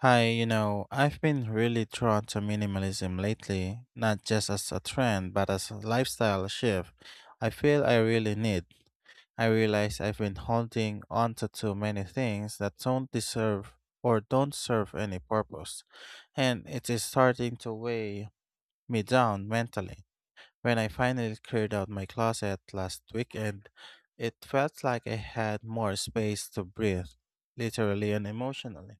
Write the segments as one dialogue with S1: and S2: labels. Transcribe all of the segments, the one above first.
S1: Hi, I've been really drawn to minimalism lately, not just as a trend, but as a lifestyle shift. I feel I really need. I realize I've been holding onto too many things that don't deserve or don't serve any purpose, and it is starting to weigh me down mentally. When I finally cleared out my closet last weekend, it felt like I had more space to breathe, literally and emotionally.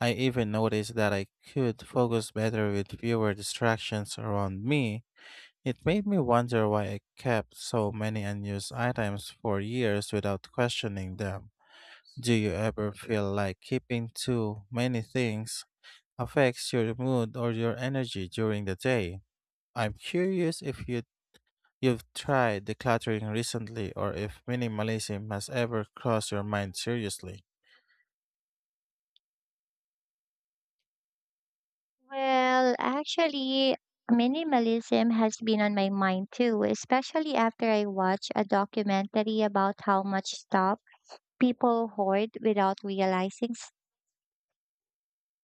S1: I even noticed that I could focus better with fewer distractions around me. It made me wonder why I kept so many unused items for years without questioning them. Do you ever feel like keeping too many things affects your mood or your energy during the day? I'm curious if you've tried decluttering recently or if minimalism has ever crossed your mind seriously.
S2: Well, actually, minimalism has been on my mind too, especially after I watched a documentary about how much stuff people hoard without realizing.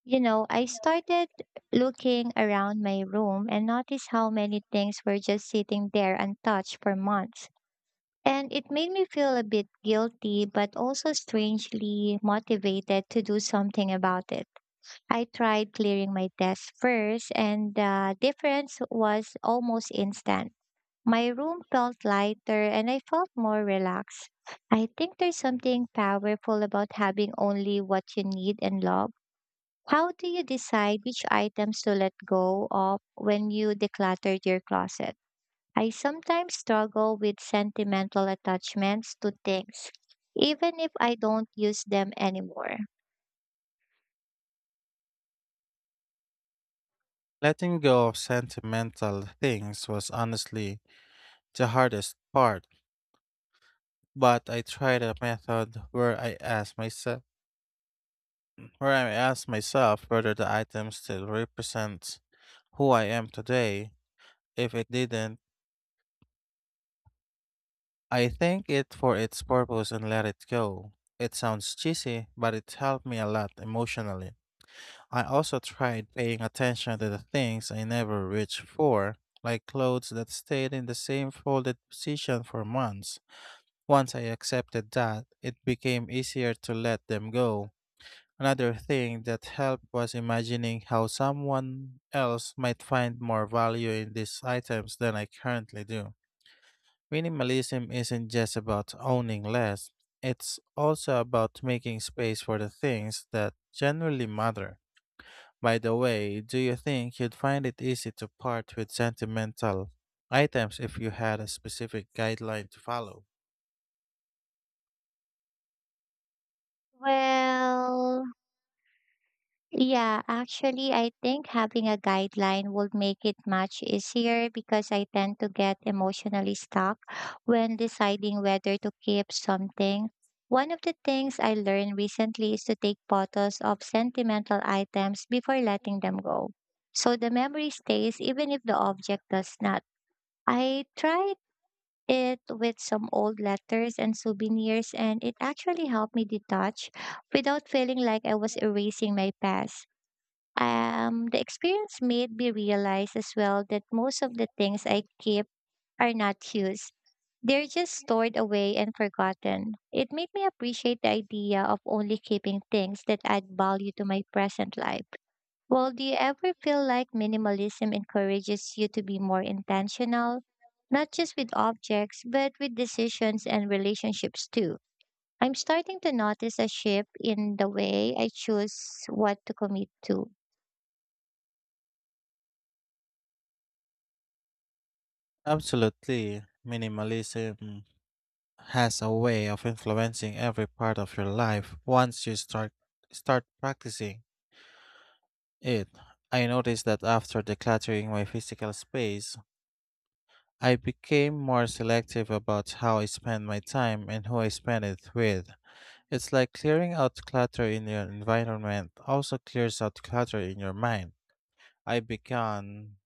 S2: I started looking around my room and noticed how many things were just sitting there untouched for months. And it made me feel a bit guilty, but also strangely motivated to do something about it. I tried clearing my desk first, and the difference was almost instant. My room felt lighter and I felt more relaxed. I think there's something powerful about having only what you need and love. How do you decide which items to let go of when you decluttered your closet? I sometimes struggle with sentimental attachments to things, even if I don't use them anymore.
S1: Letting go of sentimental things was honestly the hardest part, but I tried a method where I ask myself whether the item still represents who I am today. If it didn't, I thank it for its purpose and let it go. It sounds cheesy, but it helped me a lot emotionally. I also tried paying attention to the things I never reached for, like clothes that stayed in the same folded position for months. Once I accepted that, it became easier to let them go. Another thing that helped was imagining how someone else might find more value in these items than I currently do. Minimalism isn't just about owning less, it's also about making space for the things that generally matter. By the way, do you think you'd find it easy to part with sentimental items if you had a specific guideline to follow?
S2: Well, yeah, actually, I think having a guideline would make it much easier because I tend to get emotionally stuck when deciding whether to keep something. One of the things I learned recently is to take photos of sentimental items before letting them go, so the memory stays even if the object does not. I tried it with some old letters and souvenirs, and it actually helped me detach without feeling like I was erasing my past. The experience made me realize as well that most of the things I keep are not used. They're just stored away and forgotten. It made me appreciate the idea of only keeping things that add value to my present life. Well, do you ever feel like minimalism encourages you to be more intentional, not just with objects, but with decisions and relationships too? I'm starting to notice a shift in the way I choose what to commit to.
S1: Absolutely. Minimalism has a way of influencing every part of your life once you start practicing it. I noticed that after decluttering my physical space, I became more selective about how I spend my time and who I spend it with. It's like clearing out clutter in your environment also clears out clutter in your mind. I began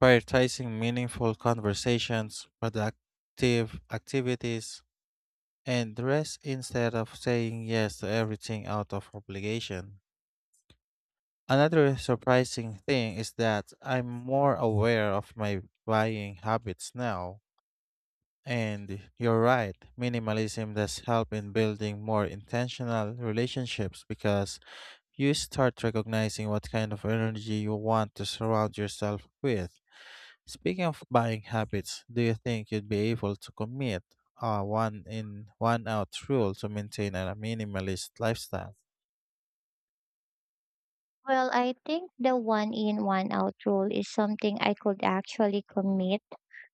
S1: prioritizing meaningful conversations, productive activities, and rest instead of saying yes to everything out of obligation. Another surprising thing is that I'm more aware of my buying habits now. And you're right, minimalism does help in building more intentional relationships because you start recognizing what kind of energy you want to surround yourself with. Speaking of buying habits, do you think you'd be able to commit a one in one out rule to maintain a minimalist lifestyle?
S2: Well, I think the one in, one out rule is something I could actually commit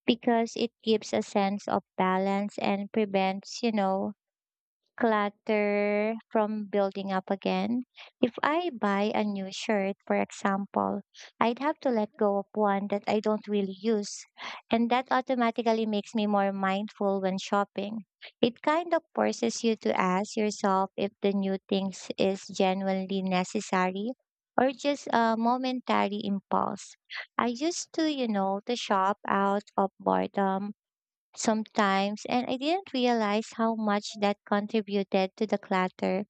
S2: because it gives a sense of balance and prevents, clutter from building up again. If I buy a new shirt, for example, I'd have to let go of one that I don't really use. And that automatically makes me more mindful when shopping. It kind of forces you to ask yourself if the new things is genuinely necessary or just a momentary impulse. I used to, to shop out of boredom sometimes, and I didn't realize how much that contributed to the clutter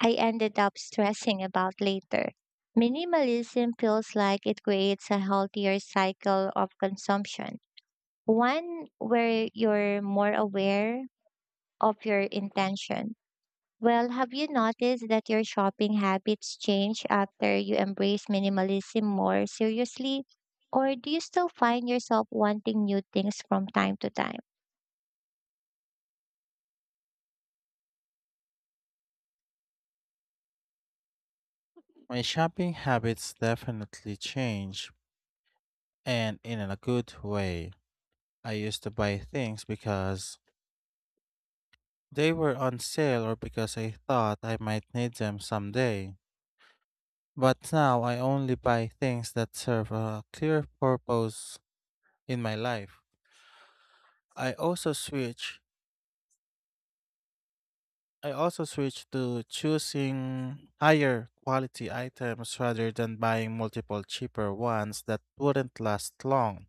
S2: I ended up stressing about later. Minimalism feels like it creates a healthier cycle of consumption, one where you're more aware of your intention. Well, have you noticed that your shopping habits change after you embrace minimalism more seriously? Or do you still find yourself wanting new things from time to time?
S1: My shopping habits definitely change and in a good way. I used to buy things because they were on sale or because I thought I might need them someday. But now I only buy things that serve a clear purpose in my life. I also switch I also switched to choosing higher quality items rather than buying multiple cheaper ones that wouldn't last long.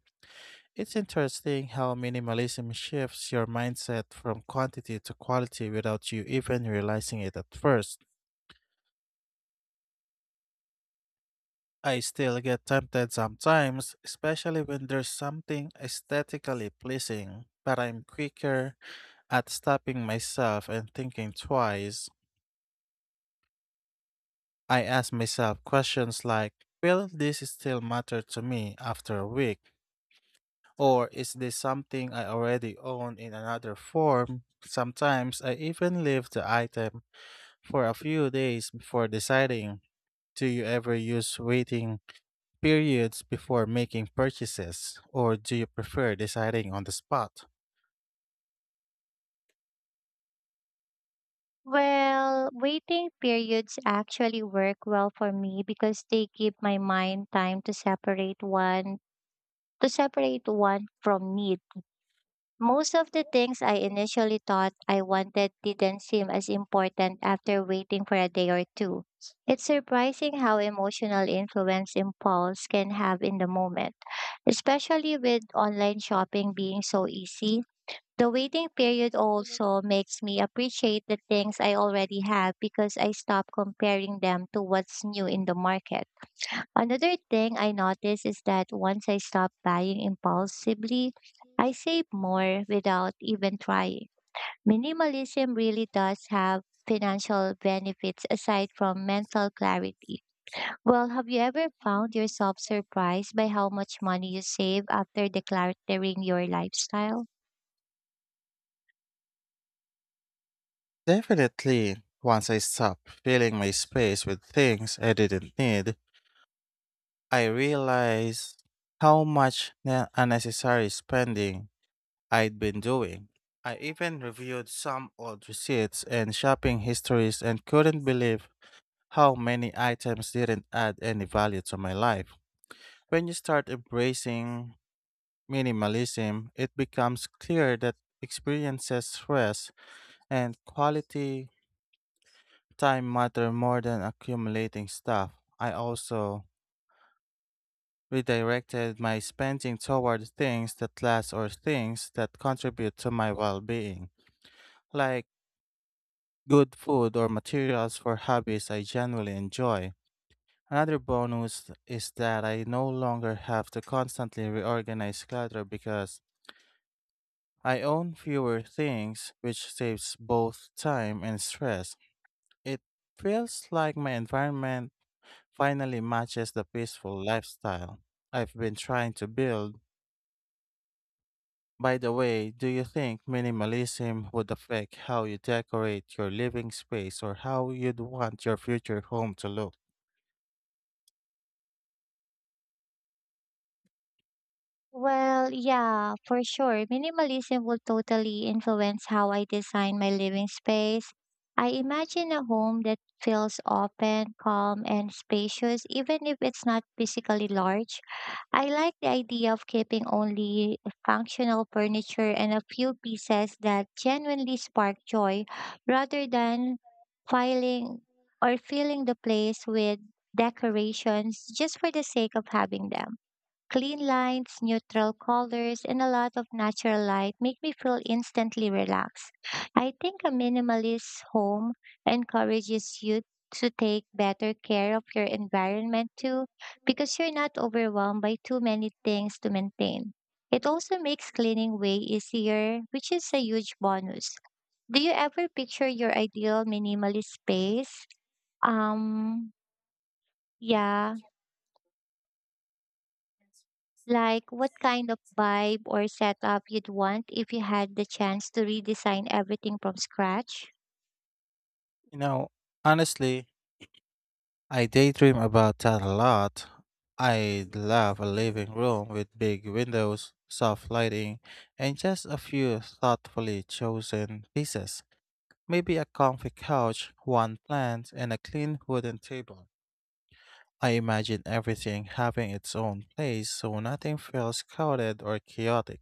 S1: It's interesting how minimalism shifts your mindset from quantity to quality without you even realizing it at first. I still get tempted sometimes, especially when there's something aesthetically pleasing, but I'm quicker at stopping myself and thinking twice. I ask myself questions like will this still matter to me after a week? Or is this something I already own in another form? Sometimes I even leave the item for a few days before deciding. Do you ever use waiting periods before making purchases? Or do you prefer deciding on the spot?
S2: Well, waiting periods actually work well for me because they give my mind time to separate one from need. Most of the things I initially thought I wanted didn't seem as important after waiting for a day or two. It's surprising how emotional influence impulse can have in the moment, especially with online shopping being so easy. The waiting period also makes me appreciate the things I already have because I stop comparing them to what's new in the market. Another thing I notice is that once I stop buying impulsively, I save more without even trying. Minimalism really does have financial benefits aside from mental clarity. Well, have you ever found yourself surprised by how much money you save after decluttering your lifestyle?
S1: Definitely, once I stopped filling my space with things I didn't need, I realized how much unnecessary spending I'd been doing. I even reviewed some old receipts and shopping histories and couldn't believe how many items didn't add any value to my life. When you start embracing minimalism, it becomes clear that experiences, stress, and quality time matter more than accumulating stuff. I also redirected my spending toward things that last or things that contribute to my well being, like good food or materials for hobbies I genuinely enjoy. Another bonus is that I no longer have to constantly reorganize clutter because I own fewer things, which saves both time and stress. It feels like my environment finally matches the peaceful lifestyle I've been trying to build. By the way, do you think minimalism would affect how you decorate your living space or how you'd want your future home to look?
S2: Well, yeah, for sure. Minimalism will totally influence how I design my living space. I imagine a home that feels open, calm, and spacious, even if it's not physically large. I like the idea of keeping only functional furniture and a few pieces that genuinely spark joy rather than filing or filling the place with decorations just for the sake of having them. Clean lines, neutral colors, and a lot of natural light make me feel instantly relaxed. I think a minimalist home encourages you to take better care of your environment too, because you're not overwhelmed by too many things to maintain. It also makes cleaning way easier, which is a huge bonus. Do you ever picture your ideal minimalist space? Um, yeah. Like what kind of vibe or setup you'd want if you had the chance to redesign everything from scratch?
S1: You know, honestly, I daydream about that a lot. I'd love a living room with big windows, soft lighting, and just a few thoughtfully chosen pieces. Maybe a comfy couch, one plant, and a clean wooden table. I imagine everything having its own place so nothing feels crowded or chaotic.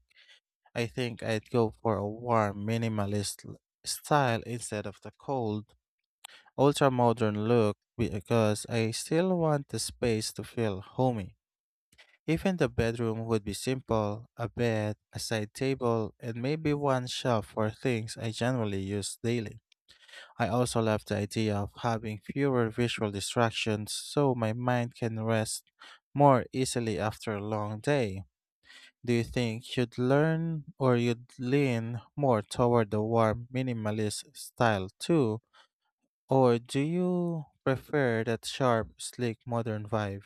S1: I think I'd go for a warm, minimalist style instead of the cold, ultra modern look because I still want the space to feel homey. Even the bedroom would be simple a bed, a side table, and maybe one shelf for things I generally use daily. I also love the idea of having fewer visual distractions so my mind can rest more easily after a long day. Do you think you'd learn or you'd lean more toward the warm minimalist style too? Or do you prefer that sharp, sleek modern vibe?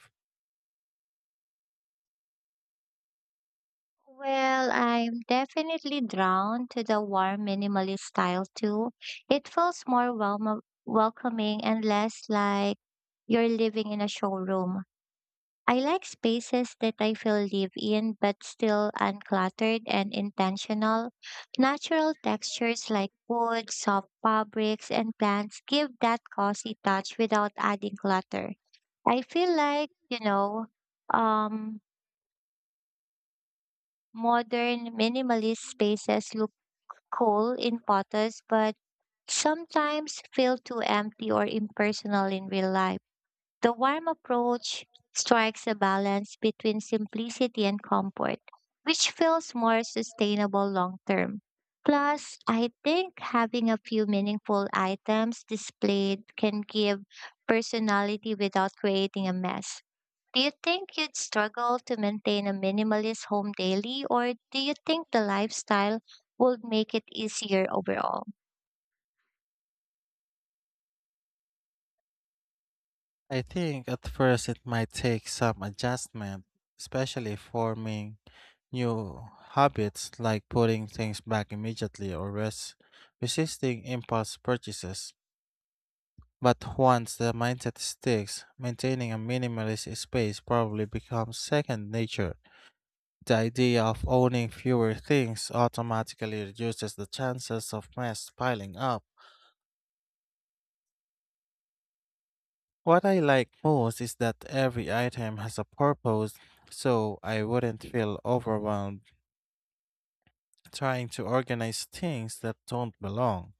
S2: Well, I'm definitely drawn to the warm minimalist style too. It feels more welma welcoming and less like you're living in a showroom. I like spaces that I feel live in but still uncluttered and intentional. Natural textures like wood, soft fabrics, and plants give that cozy touch without adding clutter. I feel like, um, modern minimalist spaces look cool in photos but sometimes feel too empty or impersonal in real life. The warm approach strikes a balance between simplicity and comfort, which feels more sustainable long term. Plus, I think having a few meaningful items displayed can give personality without creating a mess. Do you think you'd struggle to maintain a minimalist home daily, or do you think the lifestyle would make it easier overall?
S1: I think at first it might take some adjustment, especially forming new habits like putting things back immediately or resisting impulse purchases. But once the mindset sticks, maintaining a minimalist space probably becomes second nature. The idea of owning fewer things automatically reduces the chances of mess piling up. What I like most is that every item has a purpose, so I wouldn't feel overwhelmed trying to organize things that don't belong.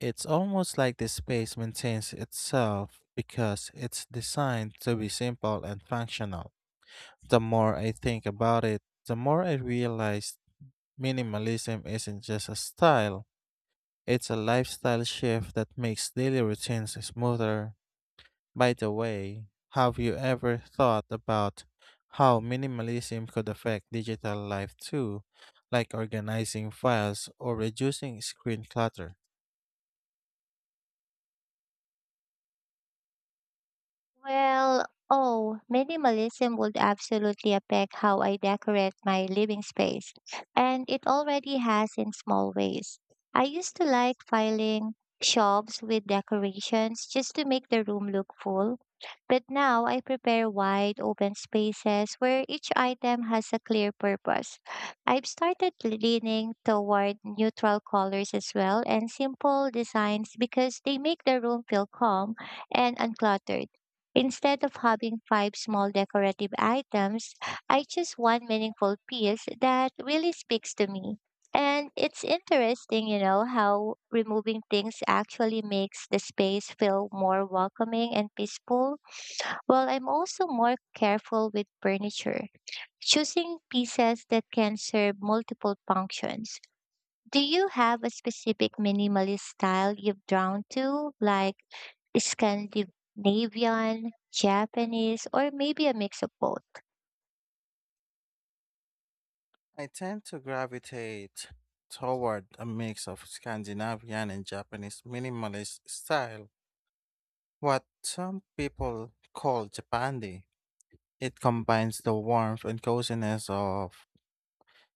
S1: It's almost like the space maintains itself because it's designed to be simple and functional. The more I think about it, the more I realize minimalism isn't just a style, it's a lifestyle shift that makes daily routines smoother. By the way, have you ever thought about how minimalism could affect digital life too, like organizing files or reducing screen clutter?
S2: Minimalism would absolutely affect how I decorate my living space. And it already has in small ways. I used to like filing shelves with decorations just to make the room look full. But now I prepare wide open spaces where each item has a clear purpose. I've started leaning toward neutral colors as well and simple designs because they make the room feel calm and uncluttered. Instead of having five small decorative items, I choose one meaningful piece that really speaks to me. And it's interesting, you know, how removing things actually makes the space feel more welcoming and peaceful, while I'm also more careful with furniture, choosing pieces that can serve multiple functions. Do you have a specific minimalist style you've drawn to, like Scandinavian, Japanese, or maybe a mix of both?
S1: I tend to gravitate toward a mix of Scandinavian and Japanese minimalist style, what some people call Japandi. It combines the warmth and coziness of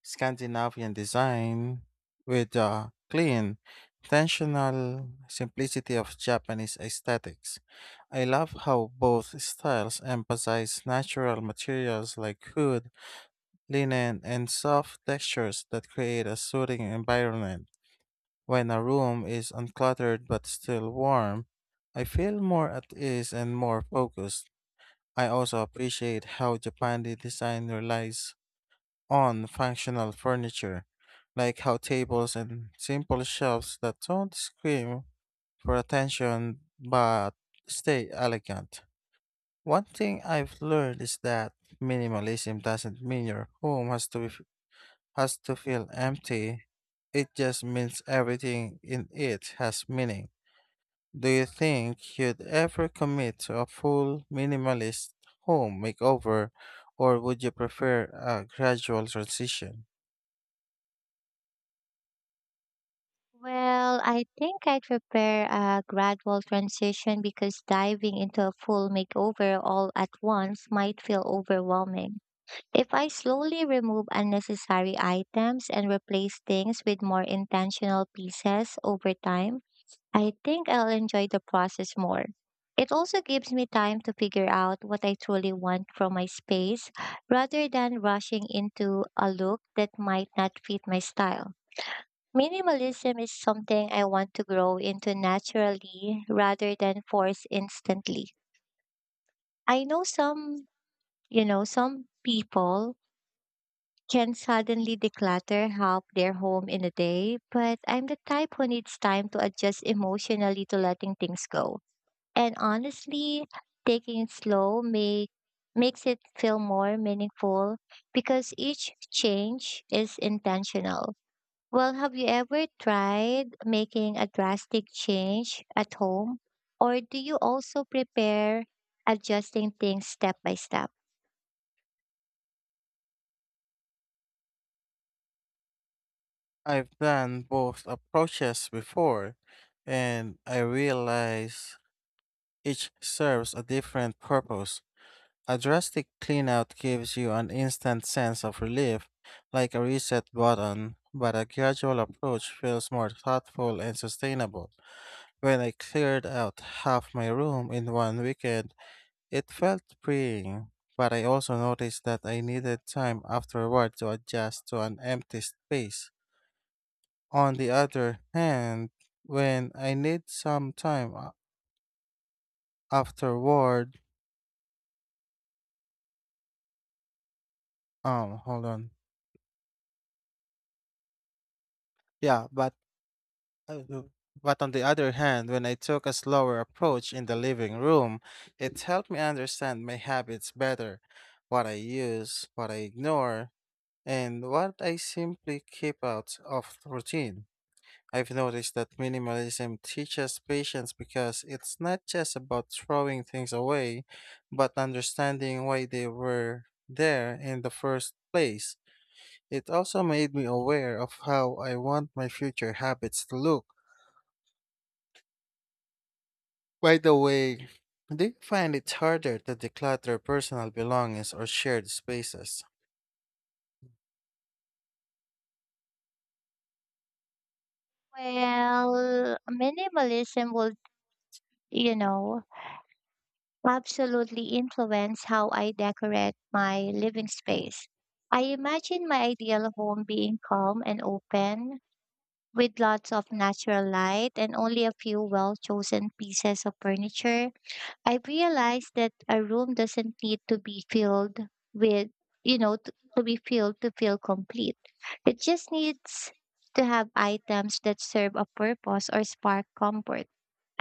S1: Scandinavian design with the clean, intentional simplicity of Japanese aesthetics. I love how both styles emphasize natural materials like wood, linen, and soft textures that create a soothing environment. When a room is uncluttered but still warm, I feel more at ease and more focused. I also appreciate how Japan design relies on functional furniture, like how tables and simple shelves that don't scream for attention but stay elegant. One thing I've learned is that minimalism doesn't mean your home has to be, has to feel empty. It just means everything in it has meaning. Do you think you'd ever commit to a full minimalist home makeover, or would you prefer a gradual transition?
S2: Well, I think I'd prepare a gradual transition because diving into a full makeover all at once might feel overwhelming. If I slowly remove unnecessary items and replace things with more intentional pieces over time, I think I'll enjoy the process more. It also gives me time to figure out what I truly want from my space rather than rushing into a look that might not fit my style. Minimalism is something I want to grow into naturally rather than force instantly. I know some people can suddenly declutter half their home in a day, but I'm the type who needs time to adjust emotionally to letting things go. And honestly, taking it slow makes it feel more meaningful because each change is intentional. Well, have you ever tried making a drastic change at home? Or do you also prepare adjusting things step by step?
S1: I've done both approaches before, and I realize each serves a different purpose. A drastic cleanout gives you an instant sense of relief, like a reset button, but a gradual approach feels more thoughtful and sustainable. When I cleared out half my room in one weekend, it felt freeing, but I also noticed that I needed time afterward to adjust to an empty space. On the other hand, when I need some time a- afterward, hold on. Yeah, but uh, w- but on the other hand, when I took a slower approach in the living room, it helped me understand my habits better, what I use, what I ignore, and what I simply keep out of routine. I've noticed that minimalism teaches patience because it's not just about throwing things away, but understanding why they were there in the first place. It also made me aware of how I want my future habits to look. By the way, do you find it harder to declutter personal belongings or shared spaces?
S2: Well, minimalism will, you know, absolutely influence how I decorate my living space. I imagine my ideal home being calm and open, with lots of natural light and only a few well chosen pieces of furniture. I've realized that a room doesn't need to be filled with, you know, t- to be filled to feel complete. It just needs to have items that serve a purpose or spark comfort.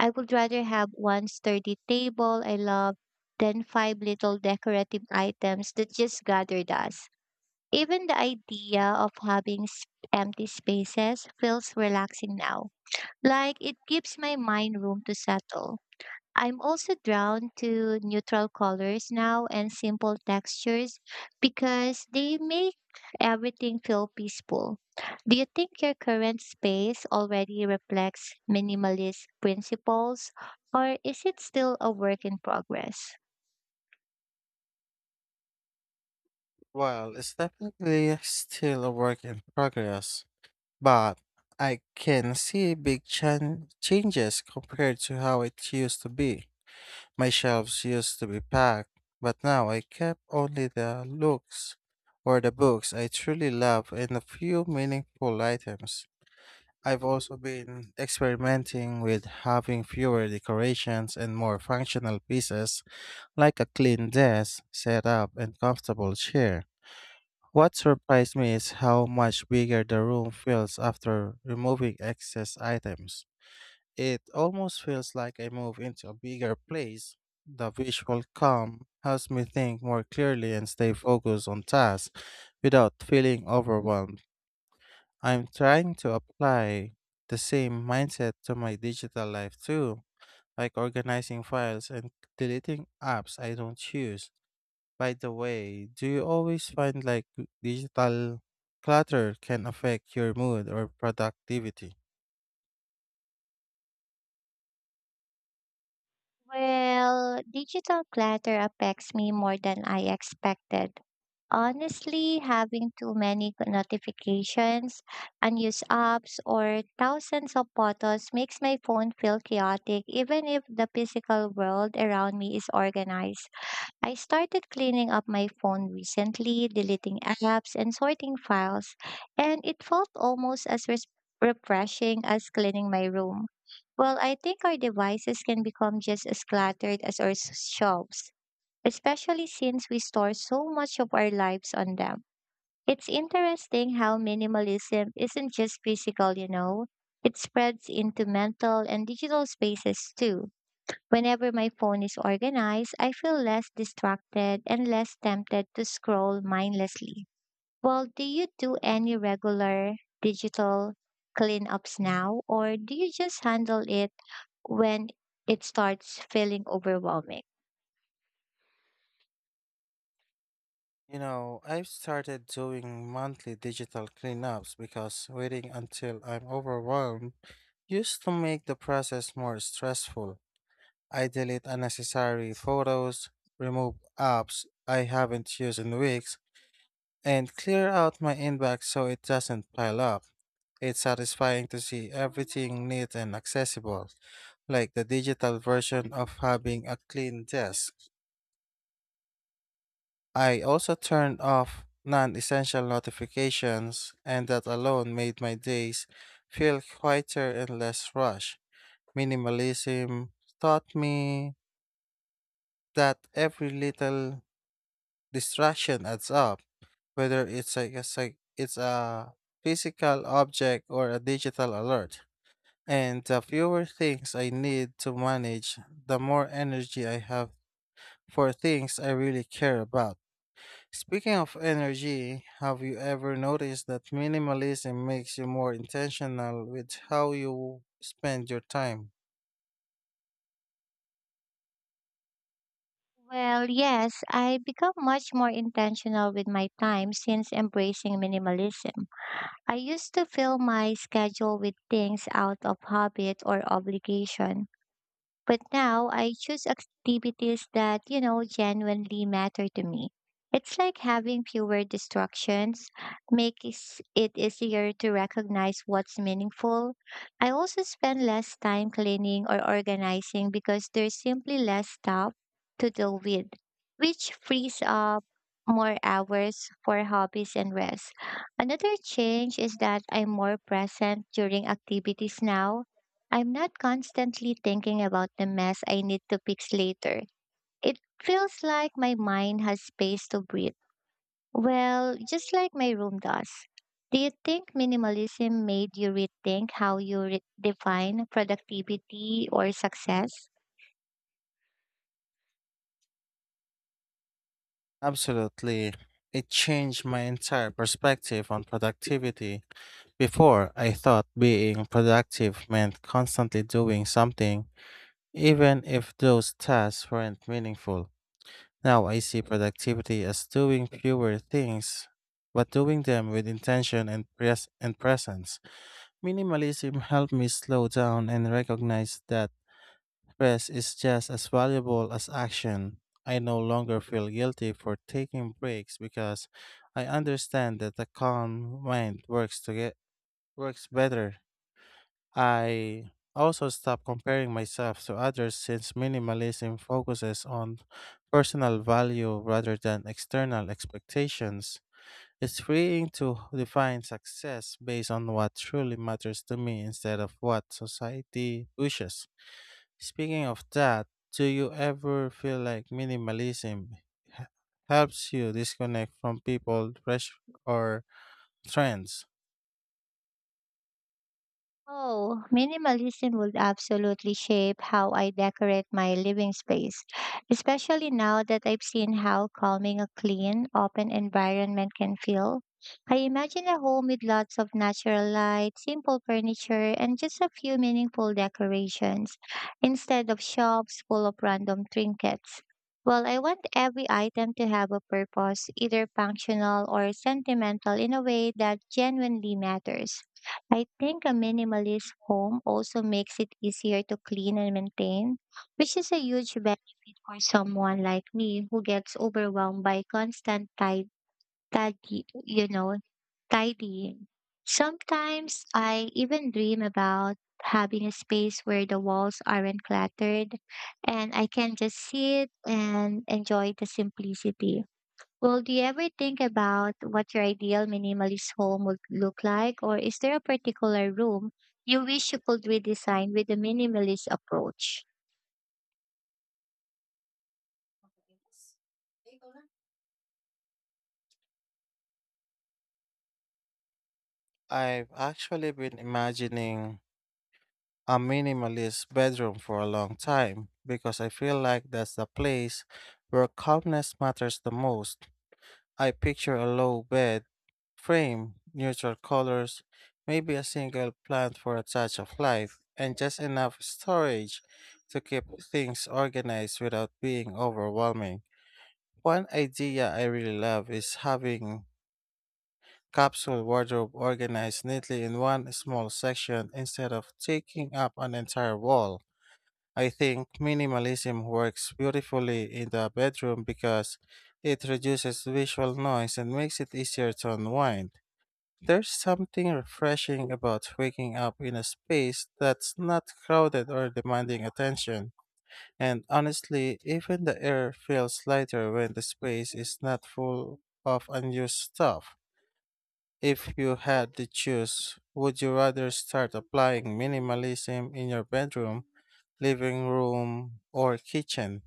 S2: I would rather have one sturdy table I love than five little decorative items that just gather dust. Even the idea of having empty spaces feels relaxing now, like it gives my mind room to settle. I'm also drawn to neutral colors now and simple textures because they make everything feel peaceful. Do you think your current space already reflects minimalist principles or is it still a work in progress?
S1: Well, it's definitely still a work in progress, but I can see big changes compared to how it used to be. My shelves used to be packed, but now I kept only the looks or the books I truly love and a few meaningful items. I've also been experimenting with having fewer decorations and more functional pieces like a clean desk, setup, and comfortable chair. What surprised me is how much bigger the room feels after removing excess items. It almost feels like I move into a bigger place. The visual calm helps me think more clearly and stay focused on tasks without feeling overwhelmed. I'm trying to apply the same mindset to my digital life too, like organizing files and deleting apps I don't use. By the way, do you always find like digital clutter can affect your mood or productivity?
S2: Well, digital clutter affects me more than I expected. Honestly, having too many notifications, unused apps, or thousands of photos makes my phone feel chaotic, even if the physical world around me is organized. I started cleaning up my phone recently, deleting apps, and sorting files, and it felt almost as refreshing as cleaning my room. Well, I think our devices can become just as cluttered as our shelves, especially since we store so much of our lives on them. It's interesting how minimalism isn't just physical, you know, it spreads into mental and digital spaces too. Whenever my phone is organized, I feel less distracted and less tempted to scroll mindlessly. Well, do you do any regular digital cleanups now, or do you just handle it when it starts feeling overwhelming?
S1: You know, I've started doing monthly digital cleanups because waiting until I'm overwhelmed used to make the process more stressful. I delete unnecessary photos, remove apps I haven't used in weeks, and clear out my inbox so it doesn't pile up. It's satisfying to see everything neat and accessible, like the digital version of having a clean desk. I also turned off non essential notifications, and that alone made my days feel quieter and less rushed. Minimalism taught me that every little distraction adds up, whether it's a physical object or a digital alert. And the fewer things I need to manage, the more energy I have for things I really care about. Speaking of energy, have you ever noticed that minimalism makes you more intentional with how you spend your time?
S2: Well, yes, I become much more intentional with my time since embracing minimalism. I used to fill my schedule with things out of habit or obligation, but now I choose activities that, you know, genuinely matter to me. It's like having fewer distractions, makes it easier to recognize what's meaningful. I also spend less time cleaning or organizing because there's simply less stuff to deal with, which frees up more hours for hobbies and rest. Another change is that I'm more present during activities now. I'm not constantly thinking about the mess I need to fix later. It feels like my mind has space to breathe. Well, just like my room does. Do you think minimalism made you rethink how you define productivity or success?
S1: Absolutely. It changed my entire perspective on productivity. Before, I thought being productive meant constantly doing something, even if those tasks weren't meaningful. Now I see productivity as doing fewer things, but doing them with intention and presence. Minimalism helped me slow down and recognize that rest is just as valuable as action. I no longer feel guilty for taking breaks because I understand that a calm mind works to get works better. I also stopped comparing myself to others since minimalism focuses on personal value rather than external expectations. It's freeing to define success based on what truly matters to me instead of what society pushes. Speaking of that, do you ever feel like minimalism h- helps you disconnect from people, pressure, or trends?
S2: Oh, minimalism would absolutely shape how I decorate my living space, especially now that I've seen how calming a clean, open environment can feel. I imagine a home with lots of natural light, simple furniture, and just a few meaningful decorations, instead of shops full of random trinkets. Well, I want every item to have a purpose, either functional or sentimental, in a way that genuinely matters. I think a minimalist home also makes it easier to clean and maintain, which is a huge benefit for someone like me who gets overwhelmed by constant tidy you know, tidying. Sometimes I even dream about having a space where the walls aren't cluttered and I can just sit and enjoy the simplicity. Well, do you ever think about what your ideal minimalist home would look like, or is there a particular room you wish you could redesign with a minimalist approach?
S1: I've actually been imagining a minimalist bedroom for a long time because I feel like that's the place where calmness matters the most. I picture a low bed, frame, neutral colors, maybe a single plant for a touch of life, and just enough storage to keep things organized without being overwhelming. One idea I really love is having capsule wardrobe organized neatly in one small section instead of taking up an entire wall. I think minimalism works beautifully in the bedroom because it reduces visual noise and makes it easier to unwind. There's something refreshing about waking up in a space that's not crowded or demanding attention. And honestly, even the air feels lighter when the space is not full of unused stuff. If you had to choose, would you rather start applying minimalism in your bedroom, living room, or kitchen?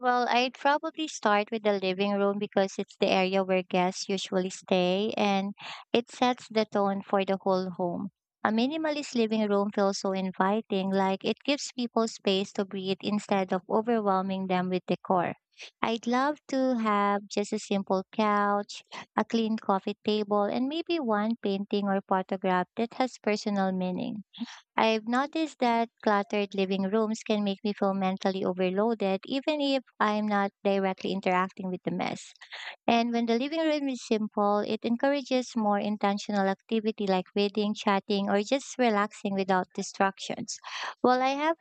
S2: Well, I'd probably start with the living room because it's the area where guests usually stay and it sets the tone for the whole home. A minimalist living room feels so inviting, like it gives people space to breathe instead of overwhelming them with decor. I'd love to have just a simple couch, a clean coffee table, and maybe one painting or photograph that has personal meaning. I've noticed that cluttered living rooms can make me feel mentally overloaded, even if I'm not directly interacting with the mess. And when the living room is simple, it encourages more intentional activity like reading, chatting, or just relaxing without distractions. While I have